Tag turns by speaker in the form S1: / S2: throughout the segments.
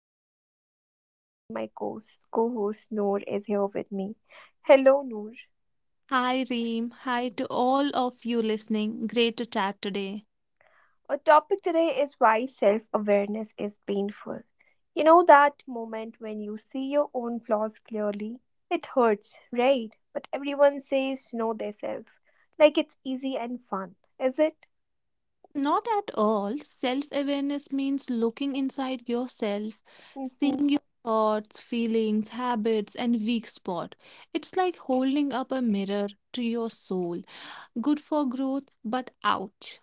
S1: host, and I'm so happy my co-host Noor is here with me. Hello, Noor.
S2: Hi, Reem. Hi to all of you listening. Great to chat today.
S1: Our topic today is why self-awareness is painful. You know that moment when you see your own flaws clearly? It hurts, right? But everyone says know thyself, like it's easy and fun, is it?
S2: Not at all. Self awareness means looking inside yourself,
S1: Mm-hmm.
S2: seeing your thoughts, feelings, habits, and weak spot. It's like holding up a mirror to your soul. Good for growth, but ouch.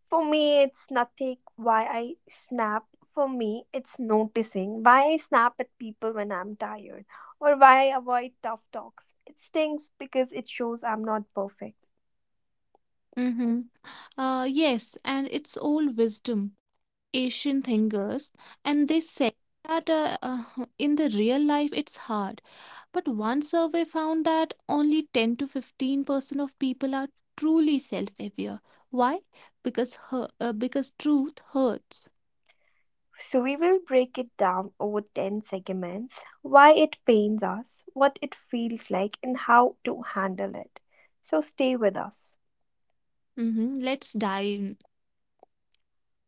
S1: For me, it's nothing why I snap. For me, it's noticing why I snap at people when I'm tired or why I avoid tough talks. It stings because it shows I'm not perfect.
S2: Mm-hmm. Yes, and it's old wisdom, Asian thinkers, and they say that in the real life it's hard. But one survey found that only 10 to 15% of people are truly self aware. Why? Because truth hurts.
S1: So, we will break it down over 10 segments why it pains us, what it feels like, and how to handle it. So, stay with us.
S2: Mhm. Let's dive.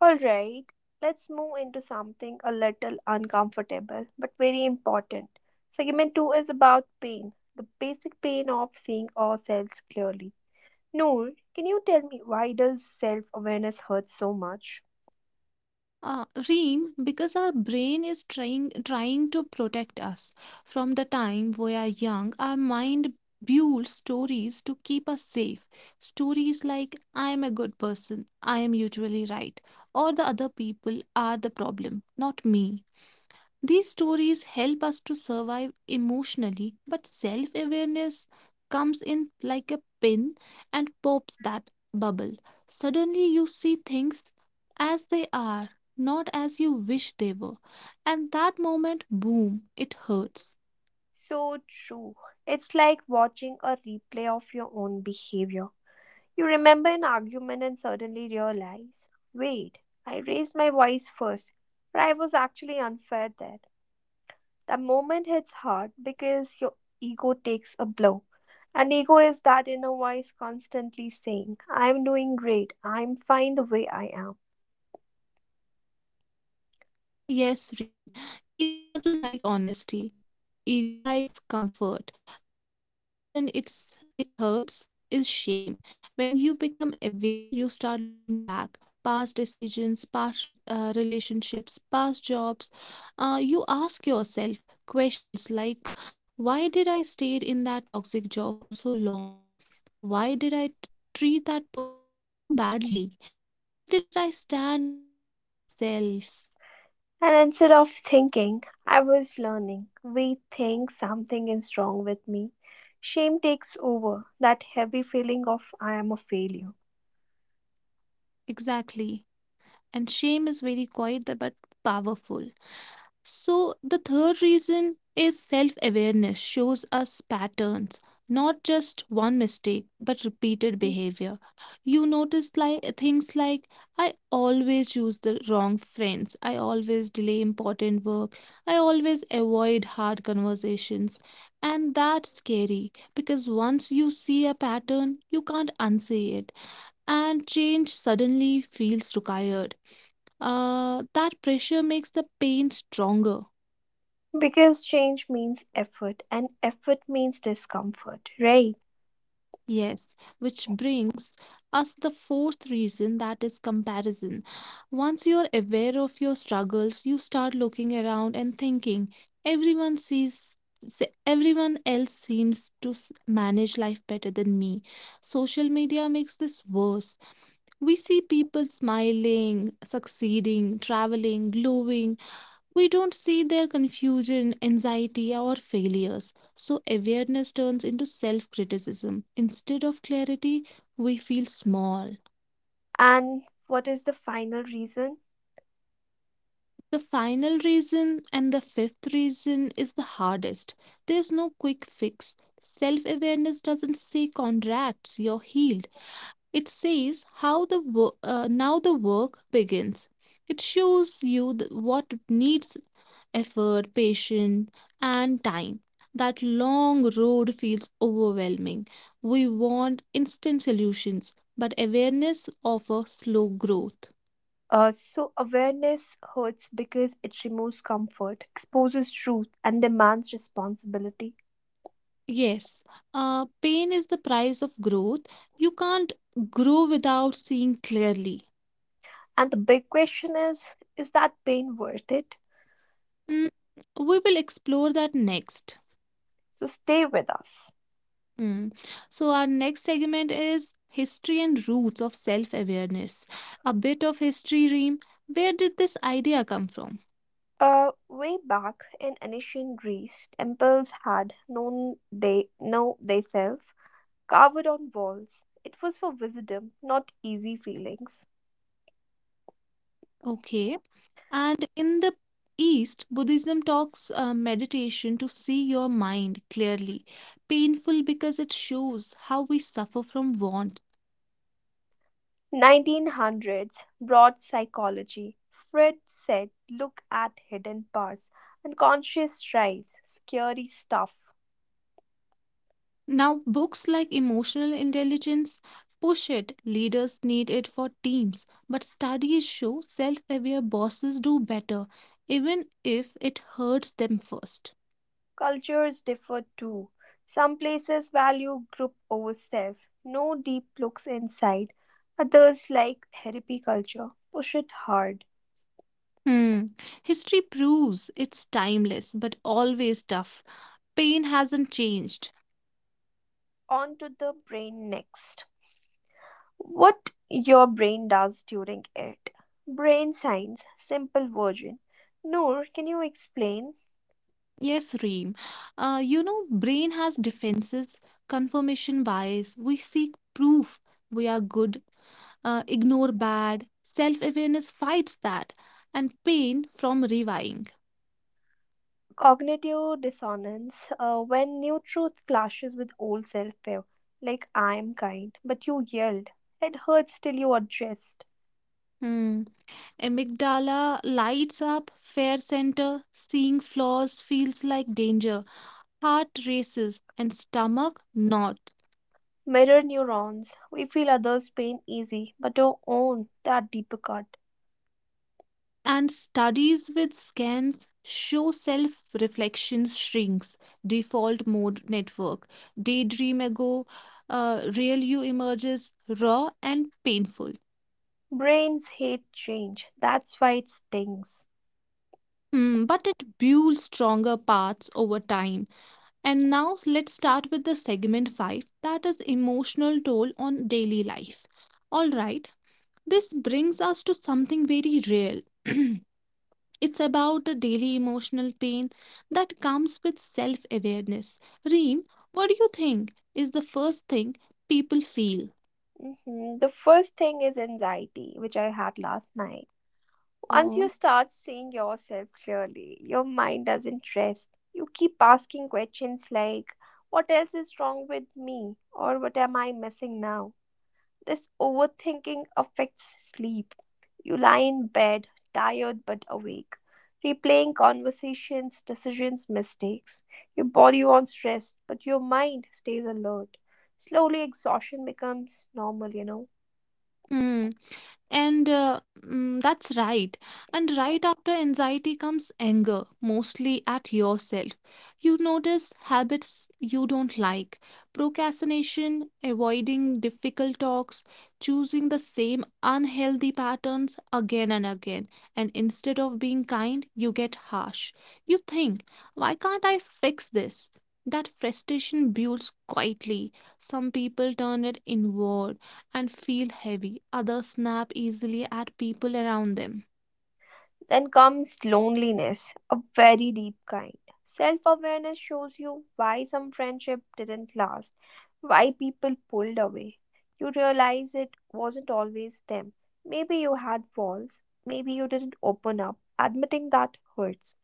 S1: Alright, let's move into something a little uncomfortable but very important. Segment 2 is about pain, the basic pain of seeing ourselves clearly. Noor, can you tell me why does self-awareness hurt so much?
S2: Reem, because our brain is trying to protect us. From the time we are young, our mind builds stories to keep us safe. Stories like "I am a good person," "I am usually right," or "the other people are the problem, not me." These stories help us to survive emotionally, but self awareness comes in like a pin and pops that bubble. Suddenly, you see things as they are, not as you wish they were. And that moment, boom, it hurts.
S1: So true. It's like watching a replay of your own behavior. You remember an argument and suddenly realize, wait, I raised my voice first, but I was actually unfair there. That moment hits hard because your ego takes a blow. And ego is that inner voice constantly saying, I'm doing great, I'm fine the way I am.
S2: Yes, Reem. Ego doesn't like honesty. Ego likes comfort. The second reason it hurts is shame. When you become aware, you start looking back, past decisions, past relationships, past jobs. You ask yourself questions like, why did I stay in that toxic job for so long? Why did I treat that person so badly? Why didn't I stand up for myself?
S1: And instead of thinking, I was learning, we think something is wrong with me. Shame takes over that heavy feeling of I am a failure.
S2: Exactly. And shame is very quiet but powerful. So, the third reason is self awareness shows us patterns, not just one mistake, but repeated behavior. You notice like things like I always choose the wrong friends, I always delay important work, I always avoid hard conversations. And that's scary because once you see a pattern, you can't unsee it, and change suddenly feels required. That pressure makes the pain stronger.
S1: Because change means effort, and effort means discomfort, right?
S2: Yes, which brings us the fourth reason that is comparison. Once you're aware of your struggles, you start looking around and thinking, everyone sees everyone else seems to manage life better than me. Social media makes this worse. We see people smiling, succeeding, traveling, glowing. We don't see their confusion, anxiety, or failures. So, awareness turns into self criticism. Instead of clarity, we feel small.
S1: And what is the final reason?
S2: The final reason and the fifth reason is the hardest. There's no quick fix. Self awareness doesn't say contracts, you're healed. It says now the work begins. It shows you the, what needs effort, patience, and time. That long road feels overwhelming. We want instant solutions, but awareness offers slow growth.
S1: So, awareness hurts because it removes comfort, exposes truth, and demands responsibility.
S2: Yes, pain is the price of growth. You can't grow without seeing clearly.
S1: And the big question is that pain worth it?
S2: Mm, we will explore that next.
S1: So, stay with us.
S2: Mm. So, our next segment is History and Roots of Self Awareness. A bit of history, Reem. Where did this idea come from?
S1: Way back in ancient Greece, temples had known they know themselves carved on walls. It was for wisdom, not easy feelings.
S2: Okay. And in the East, Buddhism talks meditation to see your mind clearly. Painful because it shows how we suffer from wants.
S1: 1900s brought psychology. Fred said, "Look at hidden parts, unconscious drives, scary stuff."
S2: Now, books like Emotional Intelligence push it. Leaders need it for teams. But studies show self aware bosses do better, even if it hurts them first.
S1: Cultures differ too. Some places value group over self, no deep looks inside. Others like therapy culture, push it hard.
S2: Hmm. History proves it's timeless, but always tough. Pain hasn't changed.
S1: On to the brain next. What your brain does during it. Brain science, simple version. Noor, can you explain
S2: Yes, Reem. You know, brain has defenses, confirmation bias. We seek proof we are good, ignore bad. Self-awareness fights that, and pain from rewiring.
S1: cognitive dissonance when new truth clashes with old self fear? Like, I am kind, but you yelled. It hurts till you adjust.
S2: Hmm. Amygdala lights up, fair center, seeing flaws feels like danger. Heart races and stomach knots.
S1: Mirror neurons. We feel others' pain easy, but our own, that deeper cut.
S2: And studies with scans show self reflection shrinks, default mode network, daydream ago, real you emerges raw and painful.
S1: Brains hate change. That's why it stings.
S2: Hmm, but it builds stronger paths over time. And now let's start with the segment 5 that is emotional toll on daily life. All right, this brings us to something very real. It's about the daily emotional pain that comes with self awareness. Reem, what do you think is the first thing people feel?
S1: Mhm. The first thing is anxiety, which I had last night. Once you start seeing yourself clearly, your mind doesn't rest. You keep asking questions like, what else is wrong with me? Or what am I missing now? This overthinking affects sleep. You lie in bed, tired but awake, replaying conversations, decisions, mistakes. Your body wants rest, but your mind stays alert. Slowly, exhaustion becomes normal, you know.
S2: Mm. And that's right. And right after anxiety comes anger, mostly at yourself. You notice habits you don't like, procrastination, avoiding difficult talks, choosing the same unhealthy patterns again and again. And instead of being kind, you get harsh. You think, why can't I fix this? That frustration builds quietly. Some people turn it inward and feel heavy. Others snap easily at people around them.
S1: Then comes loneliness, a very deep kind. Self awareness shows you why some friendship didn't last, why people pulled away. You realize it wasn't always them. Maybe you had walls, maybe you didn't open up. Admitting that hurts.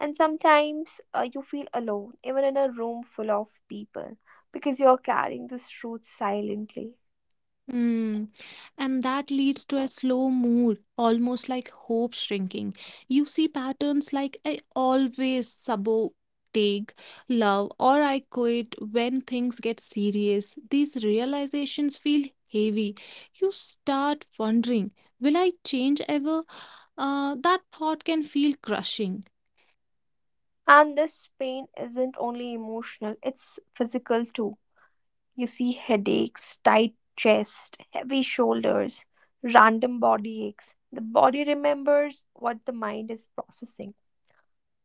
S1: And sometimes you feel alone, even in a room full of people, because you're carrying this truth silently.
S2: Mm. And that leads to a slow mood, almost like hope shrinking. You see patterns like I always sabotage love or I quit when things get serious. These realizations feel heavy. You start wondering, will I change ever? That thought can feel crushing.
S1: And this pain isn't only emotional, it's physical too. You see headaches, tight chest, heavy shoulders, random body aches. The body remembers what the mind is processing.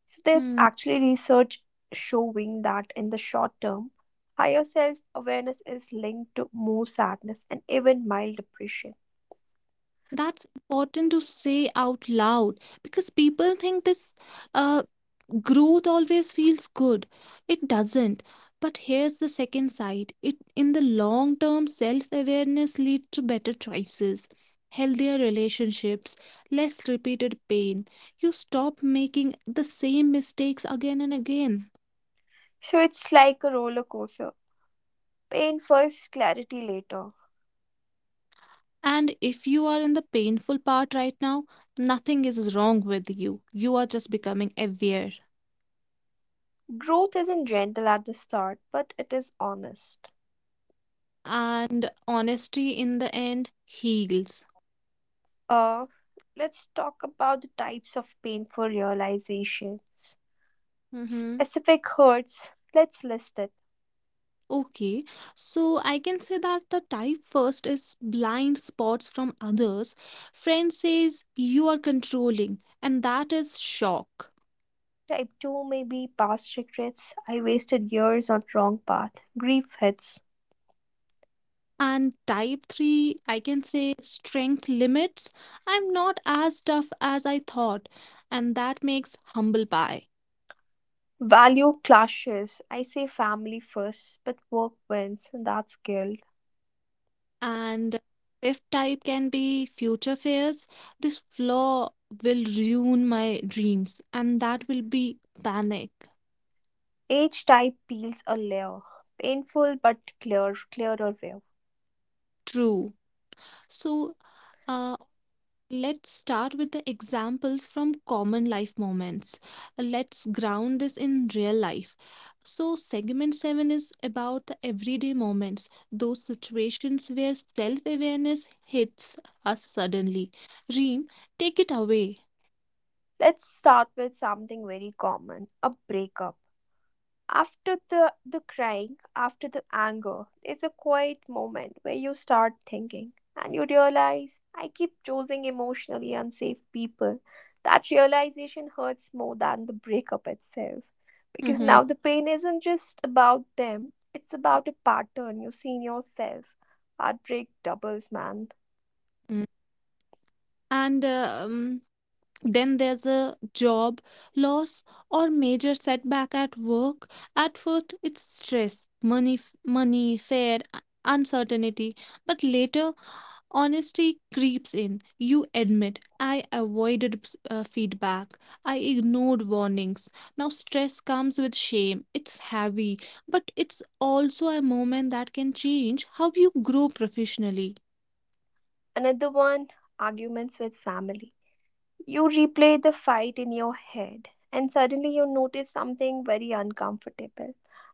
S1: So there's
S2: Hmm.
S1: actually research showing that in the short term, higher self-awareness is linked to more sadness and even mild depression.
S2: That's important to say out loud because people think this uh, growth always feels good. It doesn't. But here's the second side. It in the long term, self-awareness leads to better choices, healthier relationships, less repeated pain. You stop making the same mistakes again and again.
S1: So it's like a roller coaster. Pain first, clarity later.
S2: And if you are in the painful part right now, nothing is wrong with you. You are just becoming aware.
S1: Growth isn't gentle at the start, but it is honest.
S2: And honesty in the end heals.
S1: Uh, let's talk about the types of painful realizations.
S2: Hmm.
S1: Specific hurts, let's list it.
S2: Okay, so I can say that the type first is blind spots from others. Friend says you are controlling, and that is shock.
S1: Type 2 may be past regrets. I wasted years on wrong path. Grief hits.
S2: And type three, I can say strength limits. I'm not as tough as I thought, and that makes humble pie.
S1: Value clashes. I say family first, but work wins, and that's guilt.
S2: And fifth type can be future fears. This flaw will ruin my dreams, and that will be panic.
S1: Each type peels a layer. Painful but clear, clearer view.
S2: True. So, uh, let's start with the examples from common life moments. Let's ground this in real life. So, segment 7 is about the everyday moments, those situations where self awareness hits us suddenly. Reem, take it away.
S1: Let's start with something very common a breakup. After the crying, after the anger, there's a quiet moment where you start thinking, and you realize I keep choosing emotionally unsafe people. That realization hurts more than the breakup itself, because
S2: Mm-hmm.
S1: now the pain isn't just about them, it's about a pattern you see in yourself. Heartbreak doubles, man.
S2: And then there's a job loss or major setback at work. At first it's stress, money fear, uncertainty. But later honesty creeps in. You admit I avoided feedback, I ignored warnings. Now stress comes with shame. It's heavy, but it's also a moment that can change how you grow professionally.
S1: Another one, arguments with family. You replay the fight in your head, and suddenly you notice something very uncomfortable.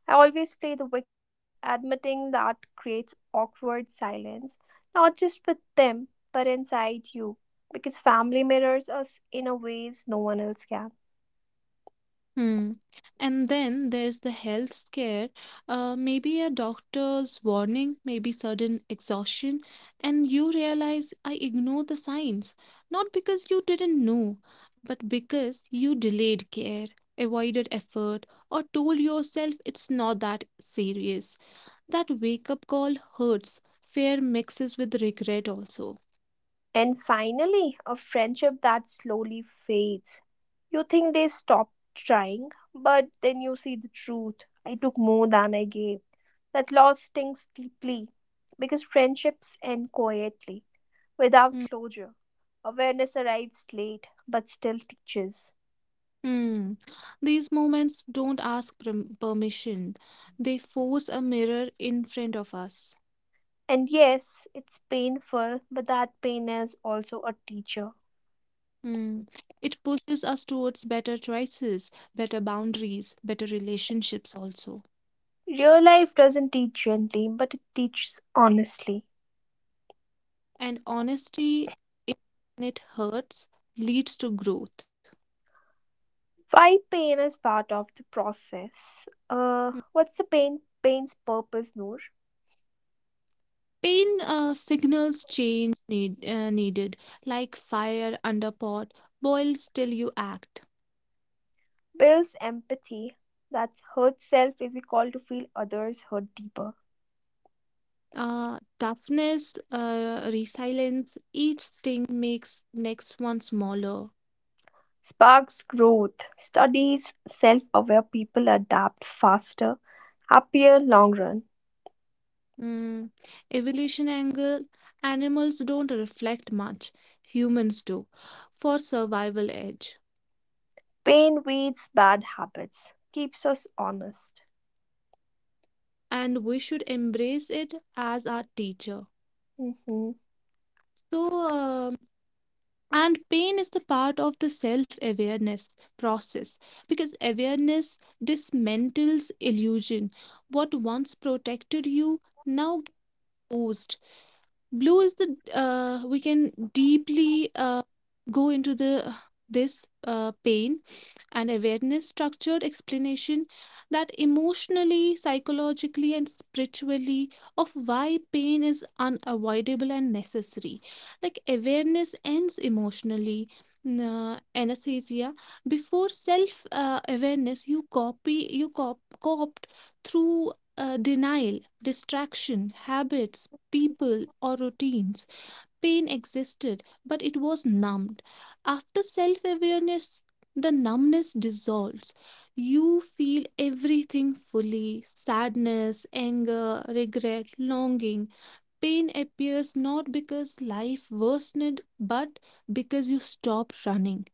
S1: I always play the victim, admitting that creates awkward silence, not just with them, but inside you, because family mirrors us in a ways no one else can.
S2: Hmm. And then there's the health scare, maybe a doctor's warning, maybe sudden exhaustion, and you realize I ignore the signs, not because you didn't know, but because you delayed care, avoided effort, or told yourself it's not that serious. That wake up call hurts. Fear mixes with regret also.
S1: And finally, a friendship that slowly fades. You think they stopped trying, but then you see the truth. I took more than I gave. That loss stings deeply because friendships end quietly, without
S2: Hmm.
S1: closure. Awareness arrives late, but still teaches.
S2: Hmm. These moments don't ask permission. They force a mirror in front of us.
S1: And yes, it's painful, but that pain is also a teacher.
S2: Hmm. It pushes us towards better choices, better boundaries, better relationships also.
S1: Real life doesn't teach gently, but it teaches honestly.
S2: And honesty, even when it hurts, leads to growth.
S1: Why pain is part of the process.
S2: Hmm.
S1: What's the pain? Pain's purpose, Noor,
S2: Pain signals change needed, like fire under pot, boils till you act.
S1: builds empathy. That's hurt self is equal to feel others hurt deeper.
S2: Toughness, resilience, each sting makes next one smaller.
S1: Sparks growth. Studies self-aware people adapt faster, happier long run.
S2: Mm. Evolution angle, animals don't reflect much, humans do, for survival edge.
S1: Pain weeds bad habits. Keeps us honest.
S2: And we should embrace it as our teacher.
S1: Mhm.
S2: So, And pain is the part of the self awareness process because awareness dismantles illusion. What once protected you now gets. Blue is the we can deeply go into the this pain and awareness structured explanation that emotionally, psychologically, and spiritually of why pain is unavoidable and necessary. Like awareness ends emotionally. Anesthesia, before self awareness, you copy you cop- copt through denial, distraction, habits, people, or routines. Pain existed, but it was numbed. After self awareness, the numbness dissolves. You feel everything fully: sadness, anger, regret, longing. Pain appears not because life worsened, but because you stopped running.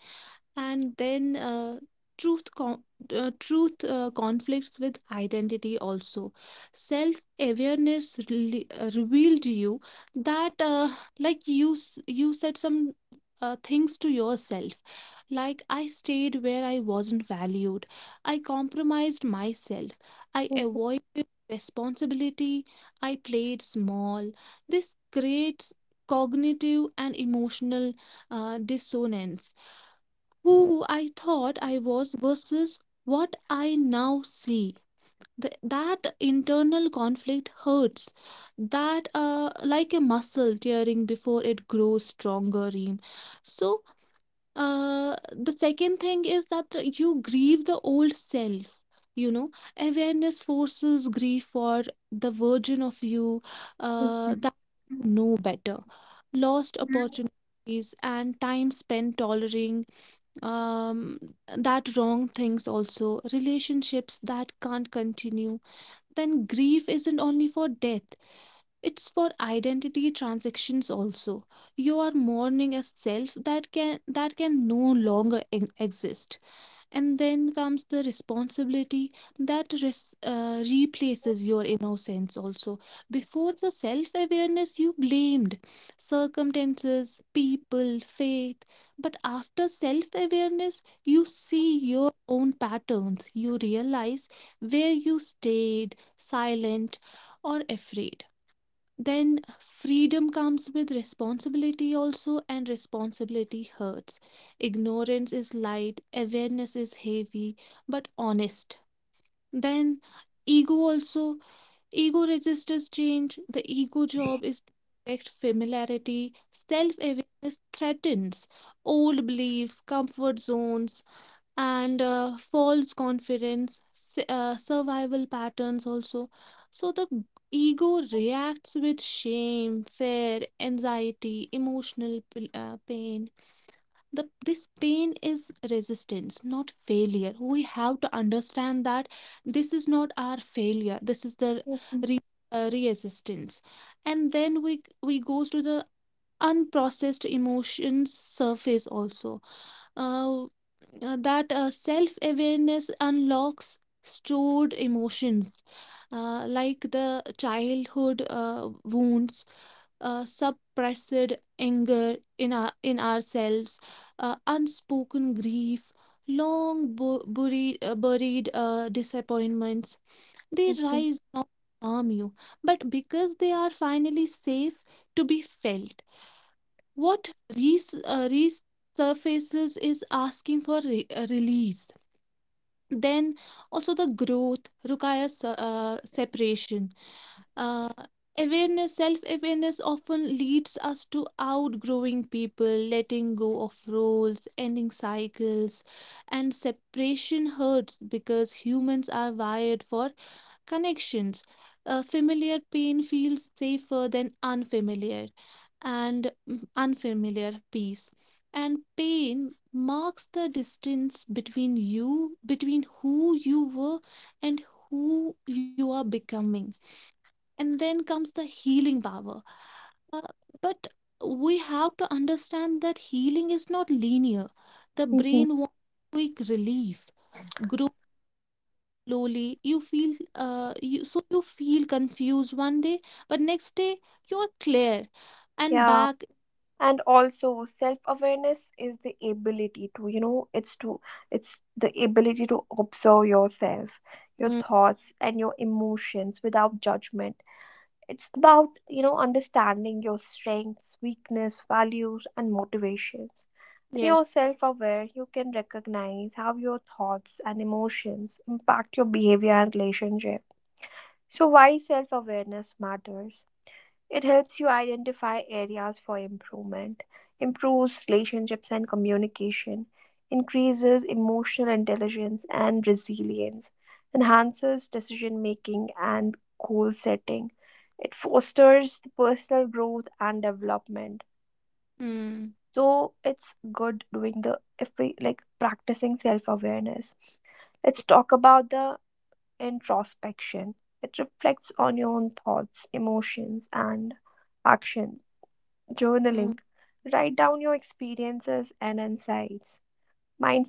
S2: And then truth con- truth conflicts with identity also. Self awareness really, revealed you that you said some things to yourself like I stayed where I wasn't valued, I compromised myself, I
S1: 嗯哼
S2: avoided responsibility, I played small. This creates cognitive and emotional dissonance, who I thought I was versus what I now see. That internal conflict hurts. That, like a muscle tearing before it grows stronger, Reem. So, the second thing is that you grieve the old self. You know, awareness forces grief for the version of you
S1: 嗯 哼
S2: that
S1: 嗯
S2: know better, lost
S1: 哼
S2: opportunities, and time spent tolerating um, that wrong things also, relationships that can't continue. Then grief isn't only for death, it's for identity transactions also. You are mourning a self that can no longer exist. And then comes the responsibility that replaces your innocence also. Before the self awareness, you blamed circumstances, people, faith, but after self awareness you see your own patterns. You realize where you stayed silent or afraid. Then freedom comes with responsibility also, and responsibility hurts. Ignorance is light, awareness is heavy, but honest. Then ego also, ego registers change. The ego job is to protect familiarity. Self awareness threatens old beliefs, comfort zones, and false confidence, survival patterns also. So ego reacts with shame, fear, anxiety, emotional pain. The this pain is resistance, not failure. We have to understand that this is not our failure. This is the
S1: 嗯哼
S2: re- resistance. And then we goes to the unprocessed emotions surface also. Uh, that Self awareness unlocks stored emotions, like the childhood wounds, suppressed anger in ourselves, unspoken grief, long buried disappointments. They
S1: 嗯哼
S2: rise not to harm you, but because they are finally safe to be felt. What resurfaces is asking for release. Then also the growth requires separation. Uh, Self-awareness often leads us to outgrowing people, letting go of roles, ending cycles, and separation hurts because humans are wired for connections. A familiar pain feels safer than unfamiliar, and unfamiliar peace. And pain marks the distance between you, between who you were and who you are becoming. And then comes the healing power. Uh, but we have to understand that healing is not linear. The
S1: Mhm.
S2: brain wants quick relief. Slowly you feel you so you feel confused one day, but next day you're clear and
S1: Yeah,
S2: back.
S1: and also self-awareness is the ability to, you know, it's to it's the ability to observe yourself, your
S2: Mm,
S1: thoughts and your emotions without judgment. It's about, you know, understanding your strengths, weakness, values and motivations.
S2: yes.
S1: You're self aware, you can recognize how your thoughts and emotions impact your behavior and relationship. So, why self awareness matters? It helps you identify areas for improvement, improves relationships and communication, increases emotional intelligence and resilience, enhances decision making and goal setting. It fosters the personal growth and development,
S2: Mm,
S1: so it's good doing the if we like practicing self awareness. Let's talk about the introspection. It reflects on your own thoughts, emotions, and action.
S2: mm,
S1: Journaling. Write down your experiences and insights.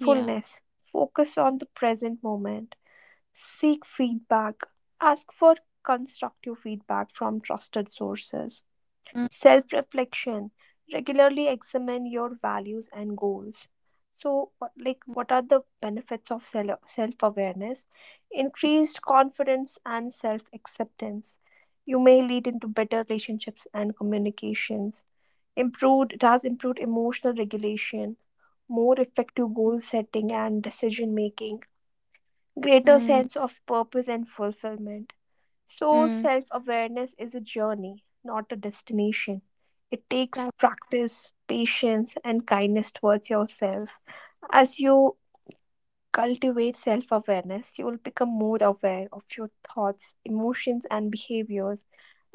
S2: yeah.
S1: Focus on the present moment. Seek feedback. Ask for constructive feedback from trusted sources.
S2: Mm,
S1: Self reflection, regularly examine your values and goals. So what-
S2: mm,
S1: like what are the benefits of self awareness? Increased confidence and self acceptance, you may lead into better relationships and communications, improved it has improved emotional regulation, more effective
S2: mm,
S1: goal setting and decision making, greater
S2: mm,
S1: sense of purpose and fulfillment. So,
S2: mm,
S1: self awareness is a journey, not a destination. It takes
S2: that,
S1: practice, patience, and kindness towards yourself. As you cultivate self awareness, you will become more aware of your thoughts, emotions, and behaviors,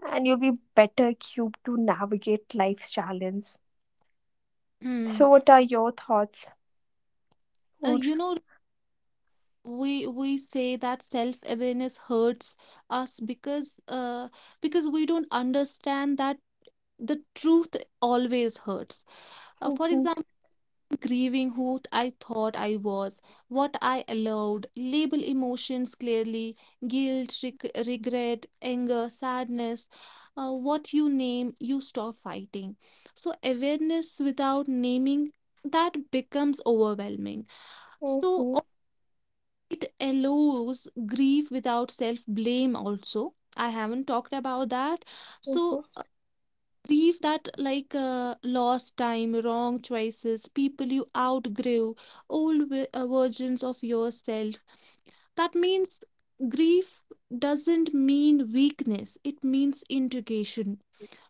S1: and you'll be better equipped to navigate life's challenges.
S2: mm.
S1: So, what are your thoughts? Noor?
S2: You know, we say that self awareness hurts us because we don't understand that the truth always hurts. For example, grieving who I thought I was, what I allowed, label emotions clearly: guilt, regret, anger, sadness. What you name, you stop fighting. So, awareness without naming that becomes overwhelming. So,
S1: Mhm,
S2: it allows grief without self blame, also. I haven't talked about that.
S1: mhm,
S2: So, grief that like lost time, wrong choices, people you outgrew, old versions of yourself, that means grief doesn't mean weakness, it means integration.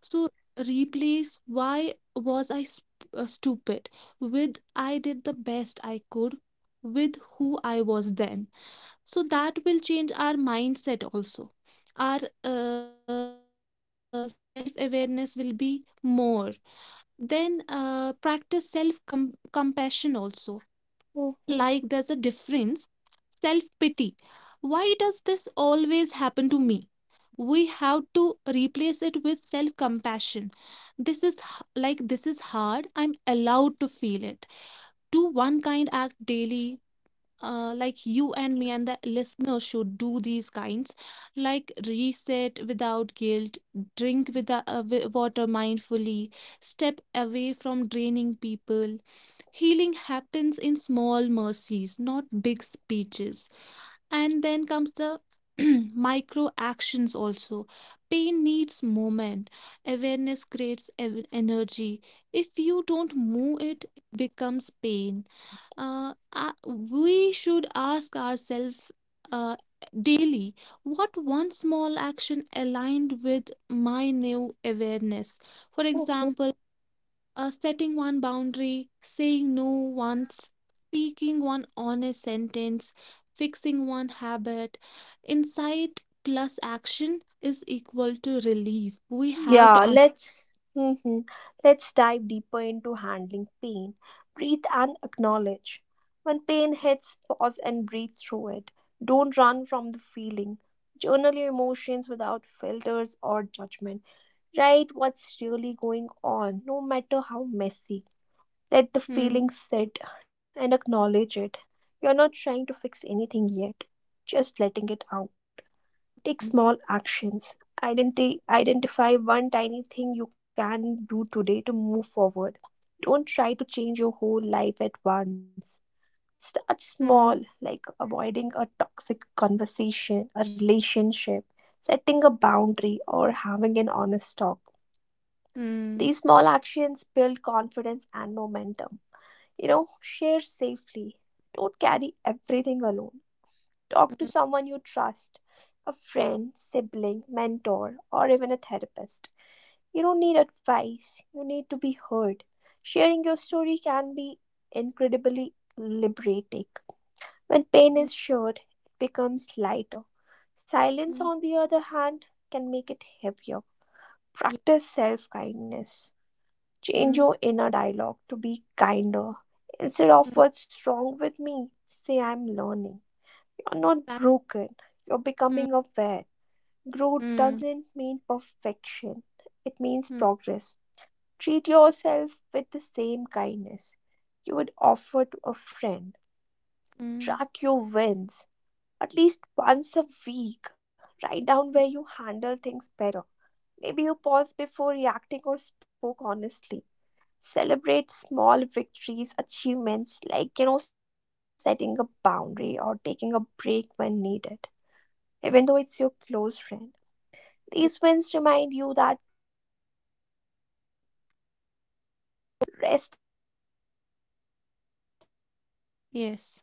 S2: So replace why was I stupid with I did the best I could with who I was then. So that will change our mindset also. Our self awareness will be more. Then practice self compassion also. Like there's a
S1: mhm.
S2: difference. Self pity. Why does this always happen to me? We have to replace it with self compassion. This is this is hard. I'm allowed to feel it. Do one kind act daily, like you and me and the listener should do these kinds, like reset without guilt, drink with the water mindfully, step away from draining people. Healing happens in small mercies, not big speeches. And then comes the micro actions also. Pain needs movement. Awareness creates energy. If you don't move it, it becomes pain. We should ask ourselves uh, daily, what one small action aligned with my new awareness. For example, setting one boundary, saying no once, speaking one honest sentence, fixing one habit. Insight plus action is equal to relief. We have
S1: Yeah,
S2: to. Un-
S1: let's Mhm. Let's dive deeper into handling pain. Breathe and acknowledge. When pain hits, pause and breathe through it. Don't run from the feeling. Journal your emotions without filters or judgment. Write what's really going on, no matter how messy. Let the
S2: Hmm,
S1: feeling sit and acknowledge it. You're not trying to fix anything yet, just letting it out. Take small actions. Identify one tiny thing you can do today to move forward. Don't try to change your whole life at once. Start
S2: hmm,
S1: small, like avoiding a toxic conversation, a relationship, setting a boundary, or having an honest talk.
S2: hmm,
S1: These small actions build confidence and momentum. You know, share safely. Don't carry everything alone. Talk to someone you trust, a friend, sibling, mentor, or even a therapist. You don't need advice, you need to be heard. Sharing your story can be incredibly liberating. When pain is shared, it becomes lighter. Silence,
S2: hmm,
S1: on the other hand, can make it heavier.
S2: hmm, hmm, yeah,
S1: Practice self kindness. Change
S2: hmm,
S1: your inner dialogue to be kinder. Instead of
S2: hmm,
S1: what's wrong with me, say I'm learning. You're not
S2: that-
S1: broken, you're
S2: hmm,
S1: becoming aware. Growth
S2: hmm.
S1: doesn't mean perfection, it means
S2: Mm,
S1: progress. Treat yourself with the same kindness you would offer to a friend.
S2: mm.
S1: Track your wins at least once a week. Write down where you handle things better. Maybe you paused before reacting or spoke honestly. Celebrate small victories, achievements like, you know, setting a boundary or taking a break when needed.
S2: Yes.